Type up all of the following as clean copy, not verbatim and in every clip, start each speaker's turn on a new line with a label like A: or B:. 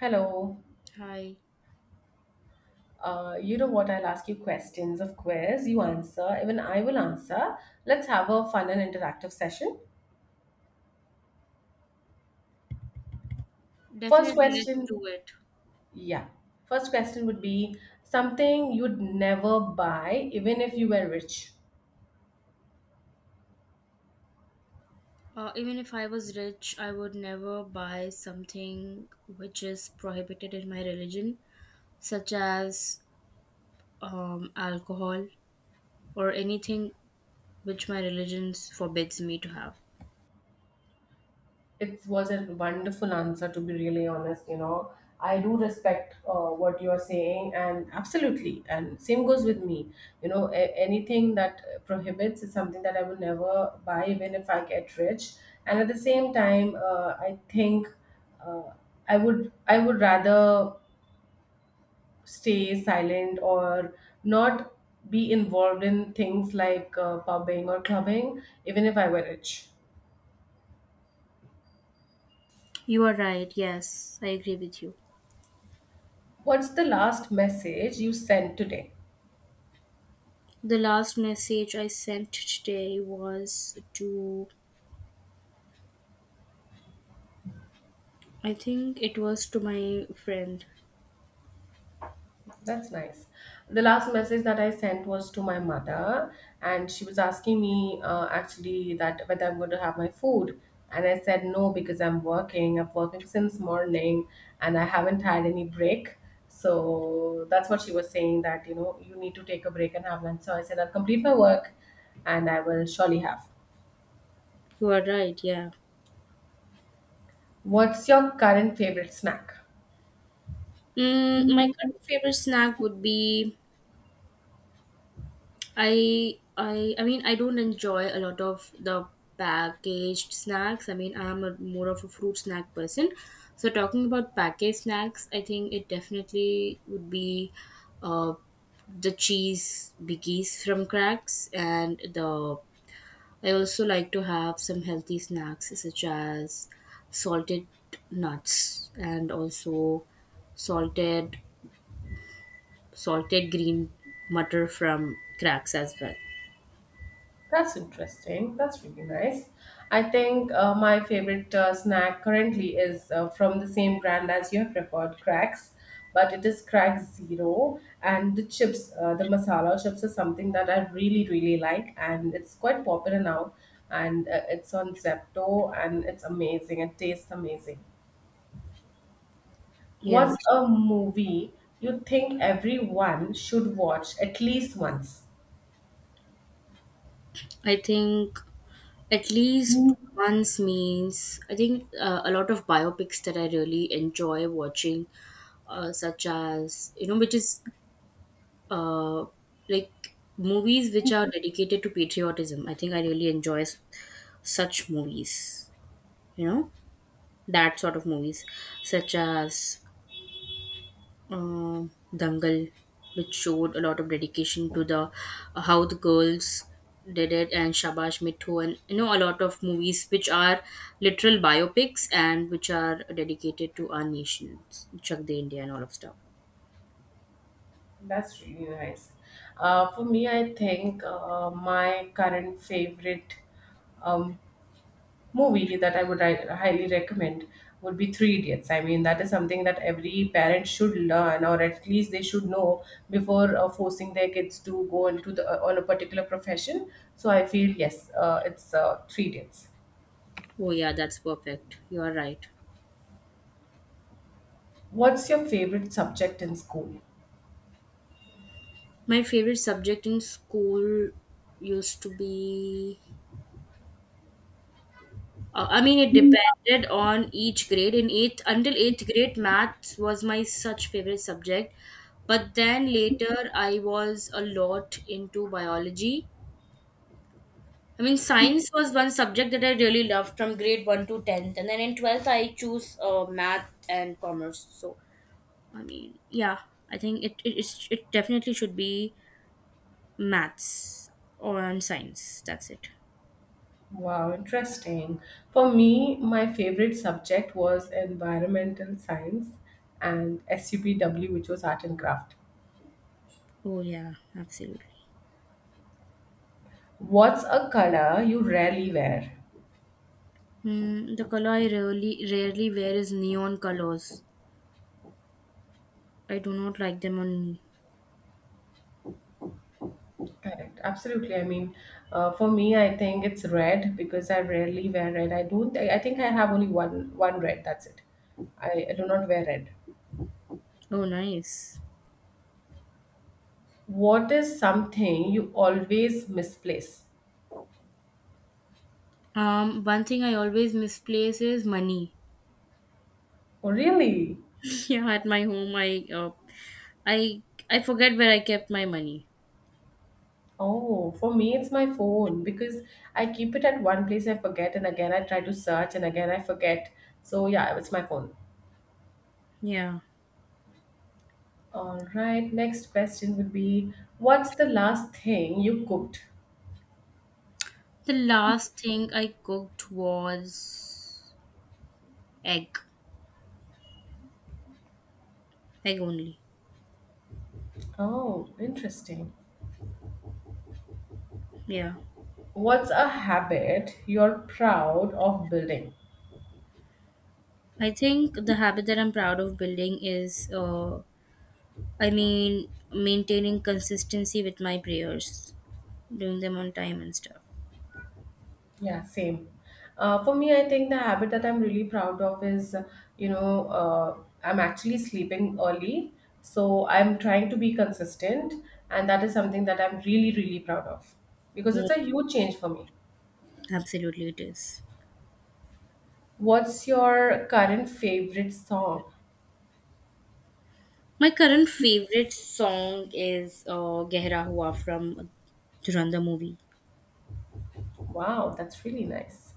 A: Hello.
B: Hi.
A: You know what? I'll ask you questions, of course. You answer. Even I will answer. Let's have a fun and interactive session. First
B: Definitely, let's
A: question.
B: do it.
A: Yeah. First question would be something you'd never buy, even if you were rich.
B: Even if I was rich, I would never buy something which is prohibited in my religion, such as alcohol or anything which my religion forbids me to have.
A: It was a wonderful answer, to be really honest. You know, I do respect what you are saying, and absolutely. And same goes with me. You know, anything that prohibits is something that I will never buy, even if I get rich. And at the same time, I think uh, I would rather stay silent or not be involved in things like pubbing or clubbing, even if I were rich.
B: You are right. Yes, I agree with you.
A: What's the last message you sent today?
B: The last message I sent today was I think it was to my friend.
A: That's nice. The last message that I sent was to my mother, and she was asking me actually that whether I'm going to have my food. And I said no because I'm working. I've working since morning and I haven't had any break. So that's what she was saying that, you know, you need to take a break and have lunch. So I said I'll complete my work and I will surely have.
B: You are right. Yeah.
A: What's your current favorite snack?
B: My current favorite snack would be I mean, I don't enjoy a lot of the packaged snacks. I mean, I'm more of a fruit snack person. So talking about packaged snacks, I think it definitely would be uh the cheese biggies from cracks, and the I also like to have some healthy snacks such as salted nuts, and also salted salted green mutter from cracks as well.
A: That's interesting. That's really nice. I think my favorite snack currently is from the same brand as you have referred, Cracks, but it is Crack Zero. And the chips, the masala chips, is something that I really, really like, and it's quite popular now. And it's on Zepto, and it's amazing. It tastes amazing.
B: Yeah.
A: What's a movie you think everyone should watch at least once?
B: I think at least once means I think a lot of biopics that I really enjoy watching, such as, which is, uh, like movies which are dedicated to patriotism. I think I really enjoy such movies. You know, that sort of movies, such as, uh, Dangal, which showed a lot of dedication to the how the girls did it, and Shabash Mithu, and you know a lot of movies which are literal biopics and which are dedicated to our nation, Chak De India, and all of stuff.
A: That's really nice. For me, I think my current favorite um, movie that I would highly recommend would be Three Idiots. I mean, that is something that every parent should learn, or at least they should know before forcing their kids to go into the on a particular profession. So I feel yes, it's Three Idiots.
B: Oh yeah, that's perfect. You are right.
A: What's your favorite subject in school?
B: My favorite subject in school used to be. I mean, it depended on each grade. In eighth, until eighth grade, maths was my such favorite subject. But then later, I was a lot into biology. I mean, science was one subject that I really loved from grade one to 10th, and then in 12th, I choose math and commerce. So, I mean, yeah, I think it definitely should be maths or and science. That's it.
A: Wow, interesting. For me, my favorite subject was environmental science and SUPW, which was art and craft.
B: Oh yeah, absolutely.
A: What's a color you rarely wear?
B: The color I rarely wear is neon colors. I do not like them on me.
A: Correct. Absolutely. I mean, for me, I think it's red because I rarely wear red. I don't. I think I have only one red. That's it. I do not wear red.
B: Oh, nice.
A: What is something you always misplace?
B: One thing I always misplace is money.
A: Oh, really?
B: Yeah, at my home, I I forget where I kept my money.
A: Oh, for me, it's my phone because I keep it at one place, I forget, and again I try to search, and again I forget. So, yeah, it's my phone.
B: Yeah.
A: All right, next question would be, what's the last thing you cooked?
B: The last thing I cooked was egg. Egg only.
A: Oh, interesting.
B: Yeah.
A: What's a habit you're proud of building?
B: I think the habit that I'm proud of building is, I mean, maintaining consistency with my prayers, doing them on time and stuff.
A: Yeah, same. For me, I think the habit that I'm really proud of is, you know, I'm actually sleeping early. So I'm trying to be consistent. And that is something that I'm really, really proud of because
B: Yeah,
A: it's a huge change for me.
B: absolutely, it is.
A: What's your current favorite song?
B: My current favorite song is Gehra Hua from Duranda movie.
A: Wow, that's really nice.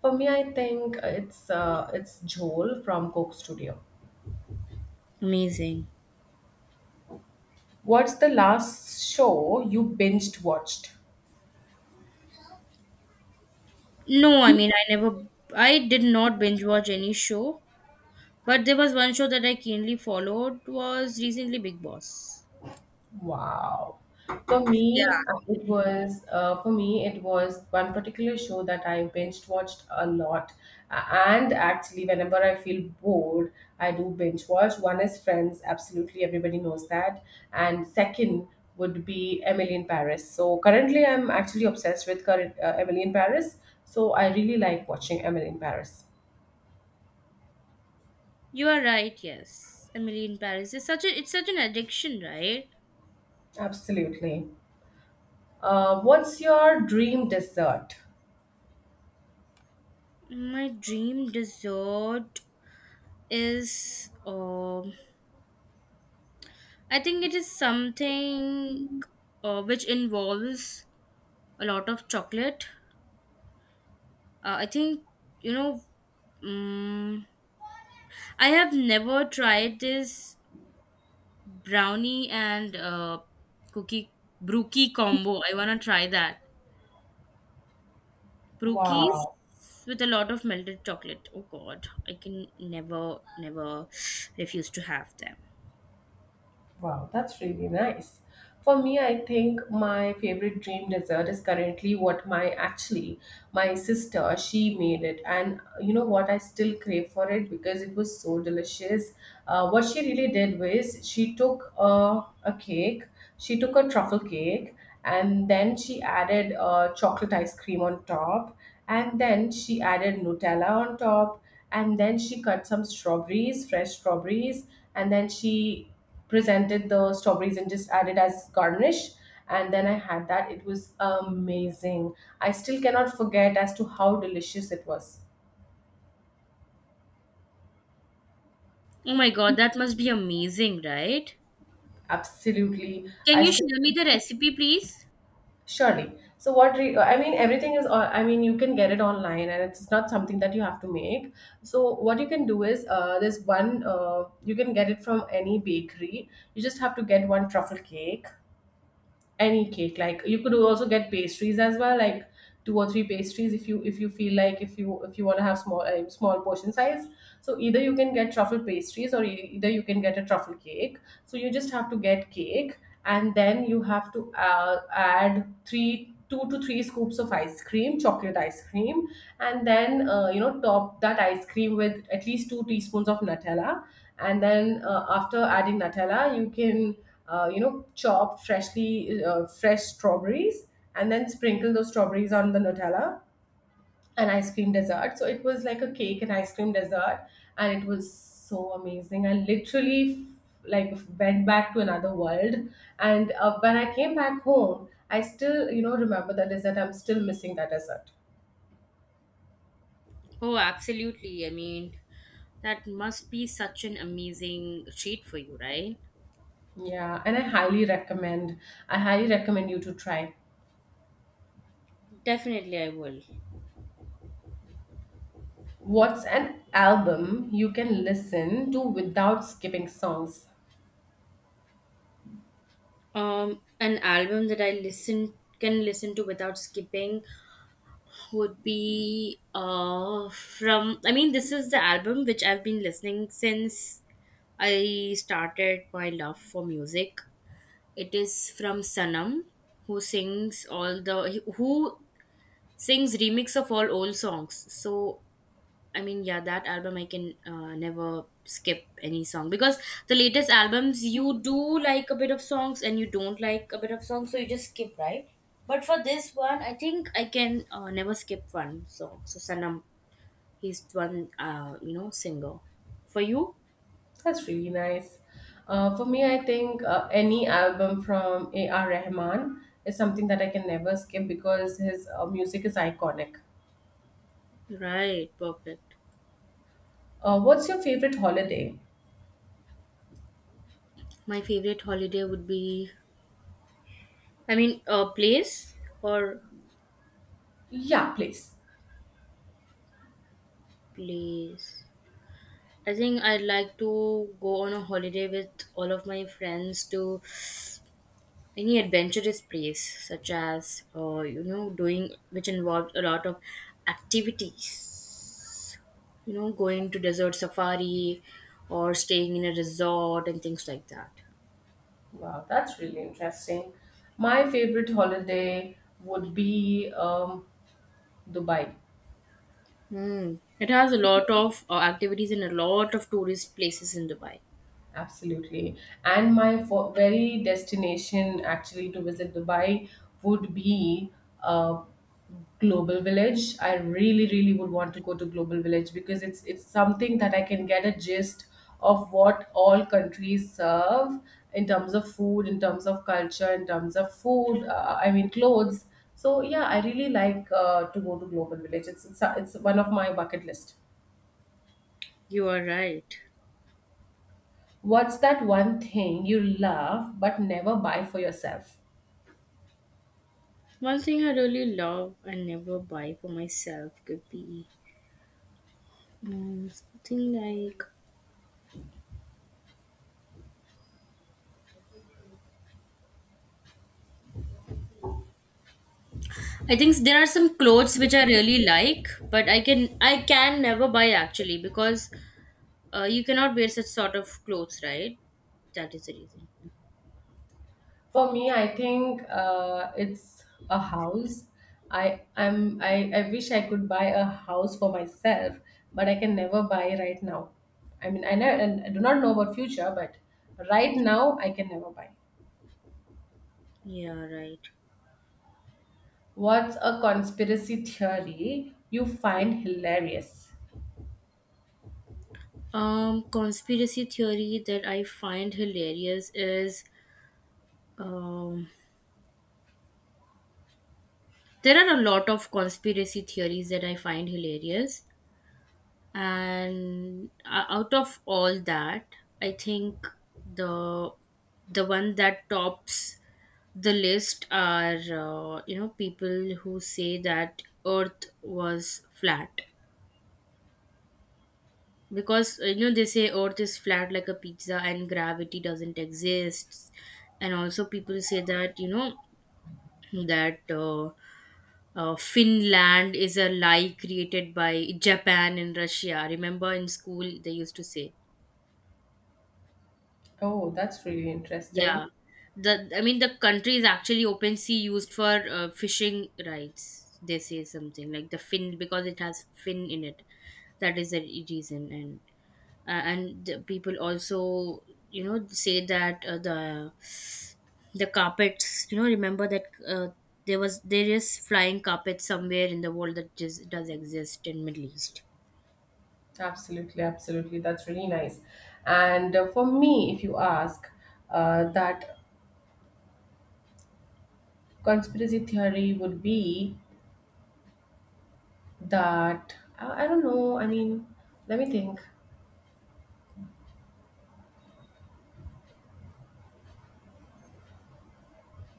A: For me, I think it's Joel from Coke Studio.
B: Amazing.
A: What's the last show you binged watched?
B: No, I mean, I did not binge watch any show, but there was one show that I keenly followed was recently Big Boss.
A: Wow. For me, it
B: Yeah,
A: was for me it was one particular show that I binge watched a lot. And actually, whenever I feel bored, I do binge watch. One is Friends, absolutely everybody knows that, and second would be Emily in Paris. So currently, I'm actually obsessed with current, Emily in Paris. So I really like watching Emily in Paris.
B: you are right. Yes, Emily in Paris is such a it's such an addiction, right?
A: Absolutely. What's your dream dessert?
B: My dream dessert is, I think it is something, which involves a lot of chocolate. I think, you know, um, I have never tried this brownie and cookie brookie combo. I wanna try that. Brookies
A: Wow.
B: with a lot of melted chocolate. Oh God, I can never, never refuse to have them.
A: Wow, that's really nice. For me, I think my favorite dream dessert is currently what my actually my sister she made it, and you know what, I still crave for it because it was so delicious. What she really did was she took a cake, she took a truffle cake, and then she added chocolate ice cream on top, and then she added Nutella on top, and then she cut some strawberries fresh strawberries, and then she presented the strawberries and just added as garnish, and then I had that. It was amazing. I still cannot forget as to how delicious it was.
B: Oh my god, that must be amazing, right?
A: Absolutely.
B: Can
A: I
B: you
A: still
B: share me the recipe, please?
A: surely. So what re, I mean, everything is on, I mean, you can get it online, and it's not something that you have to make. So what you can do is there's one, you can get it from any bakery. You just have to get one truffle cake, any cake, like you could also get pastries as well, like two or three pastries, if you, if you feel like, if you, if you want to have small small portion size. So either you can get truffle pastries or either you can get a truffle cake. So you just have to get cake, and then you have to add three two to three scoops of ice cream, chocolate ice cream, and then you know, top that ice cream with at least two teaspoons of Nutella, and then after adding Nutella, you can you know, chop freshly fresh strawberries, and then sprinkle those strawberries on the Nutella and ice cream dessert. So it was like a cake and ice cream dessert, and it was so amazing. I literally like went back to another world. And when I came back home, I still you know remember that dessert. I'm still missing that dessert.
B: Oh, absolutely. I mean, that must be such an amazing treat for you, right?
A: Yeah, and I highly recommend. I highly recommend you to try.
B: Definitely, I will.
A: What's an album you can listen to without skipping songs?
B: An album that I listen can listen to without skipping would be, from. I mean, this is the album which I've been listening since I started my love for music. It is from Sanam, who sings remix of all old songs. So I mean, yeah, that album I can, never skip any song, because the latest albums, you do like a bit of songs and you don't like a bit of songs, so you just skip, right? But for this one, I think I can, never skip one song. So Sanam, he's one, singer for you.
A: That's really nice. For me, I think any album from A.R. Rahman is something that I can never skip because his music is iconic.
B: Right. Perfect.
A: What's your favorite holiday?
B: My favorite holiday would be, I mean, a place, or
A: Yeah, please.
B: place, I think I'd like to go on a holiday with all of my friends to any adventurous place, such as, you know, doing which involved a lot of activities. Going to desert safari or staying in a resort and things like that.
A: Wow, that's really interesting. My favorite holiday would be Dubai.
B: Hmm. It has a lot of activities and a lot of tourist places in Dubai.
A: Absolutely. And my very destination actually to visit Dubai would be uh, Global Village. I really, really would want to go to Global Village because it's something that I can get a gist of what all countries serve in terms of food, in terms of culture, in terms of food. I mean, clothes. So yeah, I really like to go to Global Village. It's one of my bucket list.
B: You are right.
A: What's that one thing you love but never buy for yourself?
B: One thing I really love and never buy for myself could be, something like, I think there are some clothes which I really like, but I can never buy actually, because you cannot wear such sort of clothes, right? That is the reason.
A: For me, I think it's a house. I wish I could buy a house for myself, but I can never buy right now. I mean, I know, and I do not know about future, but right now I can never buy.
B: Yeah, right.
A: What's a conspiracy theory you find hilarious?
B: Conspiracy theory that I find hilarious is, um, there are a lot of conspiracy theories that I find hilarious, and out of all that, I think the the one that tops the list are, people who say that earth was flat, because they say earth is flat like a pizza and gravity doesn't exist. And also people say that that uh, Finland is a lie created by Japan and Russia. Remember in school they used to say.
A: Oh, that's really
B: Yeah.
A: interesting.
B: The I mean, the country is actually open sea used for fishing rights. They say something like the fin, because it has fin in it. That is the reason. And the people also, say that, the carpets, remember that, there was, there is flying carpets somewhere in the world that just does exist in Middle East.
A: Absolutely, absolutely. That's really nice. And for me, if you ask, that conspiracy theory would be that I don't know. I mean, let me think.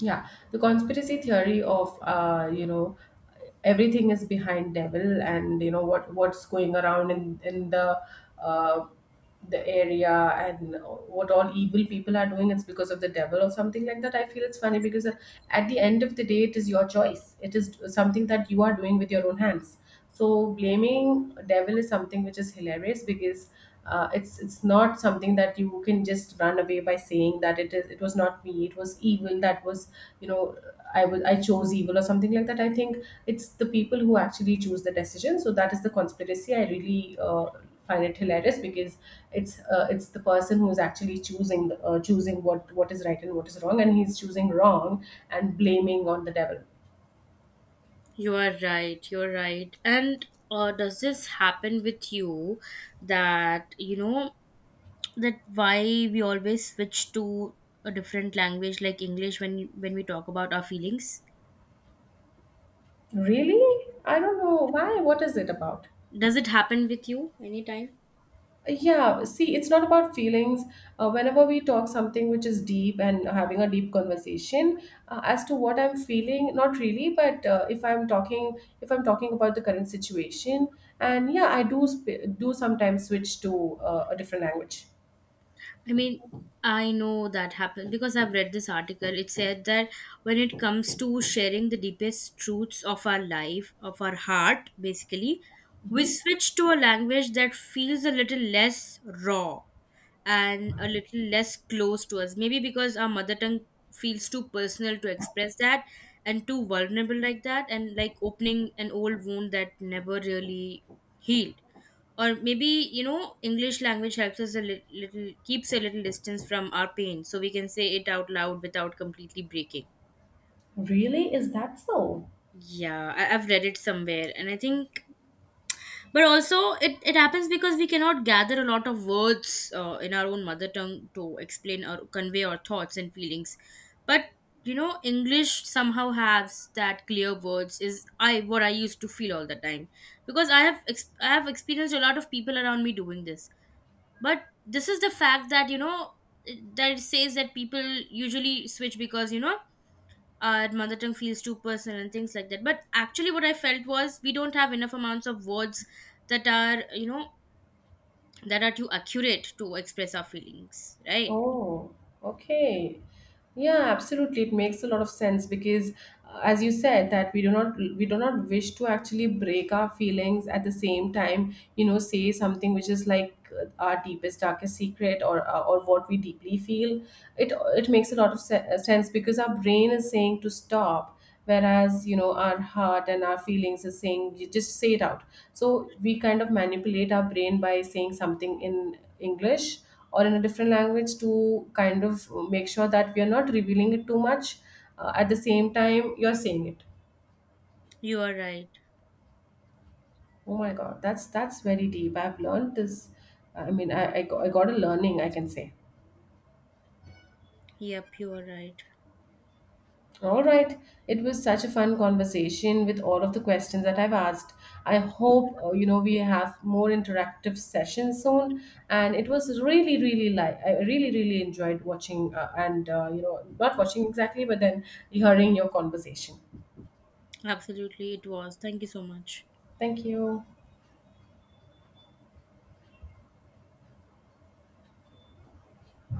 A: Yeah, the conspiracy theory of you know, everything is behind devil and you know what, what's going around in uh, the area, and what all evil people are doing, it's because of the devil or something like that. I feel it's funny because at the end of the day, it is your choice. It is something that you are doing with your own hands. So blaming devil is something which is hilarious because it's not something that you can just run away by saying that it is, it was not me, it was evil that was, you know, I chose evil or something like that. I think it's the people who actually choose the decision, so that is the conspiracy. I really find it hilarious because it's the person who is actually choosing the, choosing what is right and what is wrong, and he's choosing wrong and blaming on the devil.
B: You are right. You're right. And does this happen with you, that you know? That why we always switch to a different language like English, when we talk about our feelings,
A: Really? I don't know why. What is it about?
B: does it happen with you anytime?
A: Yeah, see, it's not about feelings. Whenever we talk something which is deep and having a deep conversation, as to what I'm feeling, not really, but if I'm talking about the current situation, and yeah, I do sp do sometimes switch to a different language.
B: I mean, I know that happened because I've read this article. It said that when it comes to sharing the deepest truths of our life, of our heart, basically, we
A: Hmm.
B: switch to a language that feels a little less raw and a little less close to us. Maybe because our mother tongue feels too personal to express that, and too vulnerable like that, and like opening an old wound that never really healed. Or maybe, English language helps us a little, keeps a little distance from our pain, so we can say it out loud without completely breaking.
A: Really? Is that so?
B: Yeah, I've read it somewhere, and I think, but also it happens because we cannot gather a lot of words in our own mother tongue to explain or convey our thoughts and feelings. But, English somehow has that clear words, is I what I used to feel all the time, because I have experienced a lot of people around me doing this. But this is the fact that, that it says that people usually switch because, our mother tongue feels too personal and things like that. But actually, what I felt was, we don't have enough amounts of words that are, too accurate to express our feelings, right?
A: Oh, okay. Yeah, absolutely. It makes a lot of sense because, as you said, that we do not wish to actually break our feelings at the same time. You know, say something which is like our deepest, darkest secret, or what we deeply feel. It makes a lot of sense because our brain is saying to stop, whereas you know our heart and our feelings is saying you just say it out. So we kind of manipulate our brain by saying something in English or in a different language to kind of make sure that we are not revealing it too much, at the same time you're saying it.
B: You are right.
A: Oh my god, that's very deep. I've learned this. I mean, I got a learning, I can say.
B: Yep, you are right.
A: All right, it was such a fun conversation with all of the questions that I've asked. I hope you know, we have more interactive sessions soon. And it was really really, like, I really really enjoyed watching and you know, not watching exactly, but then hearing your conversation.
B: Absolutely, it was. Thank you so much.
A: Thank you.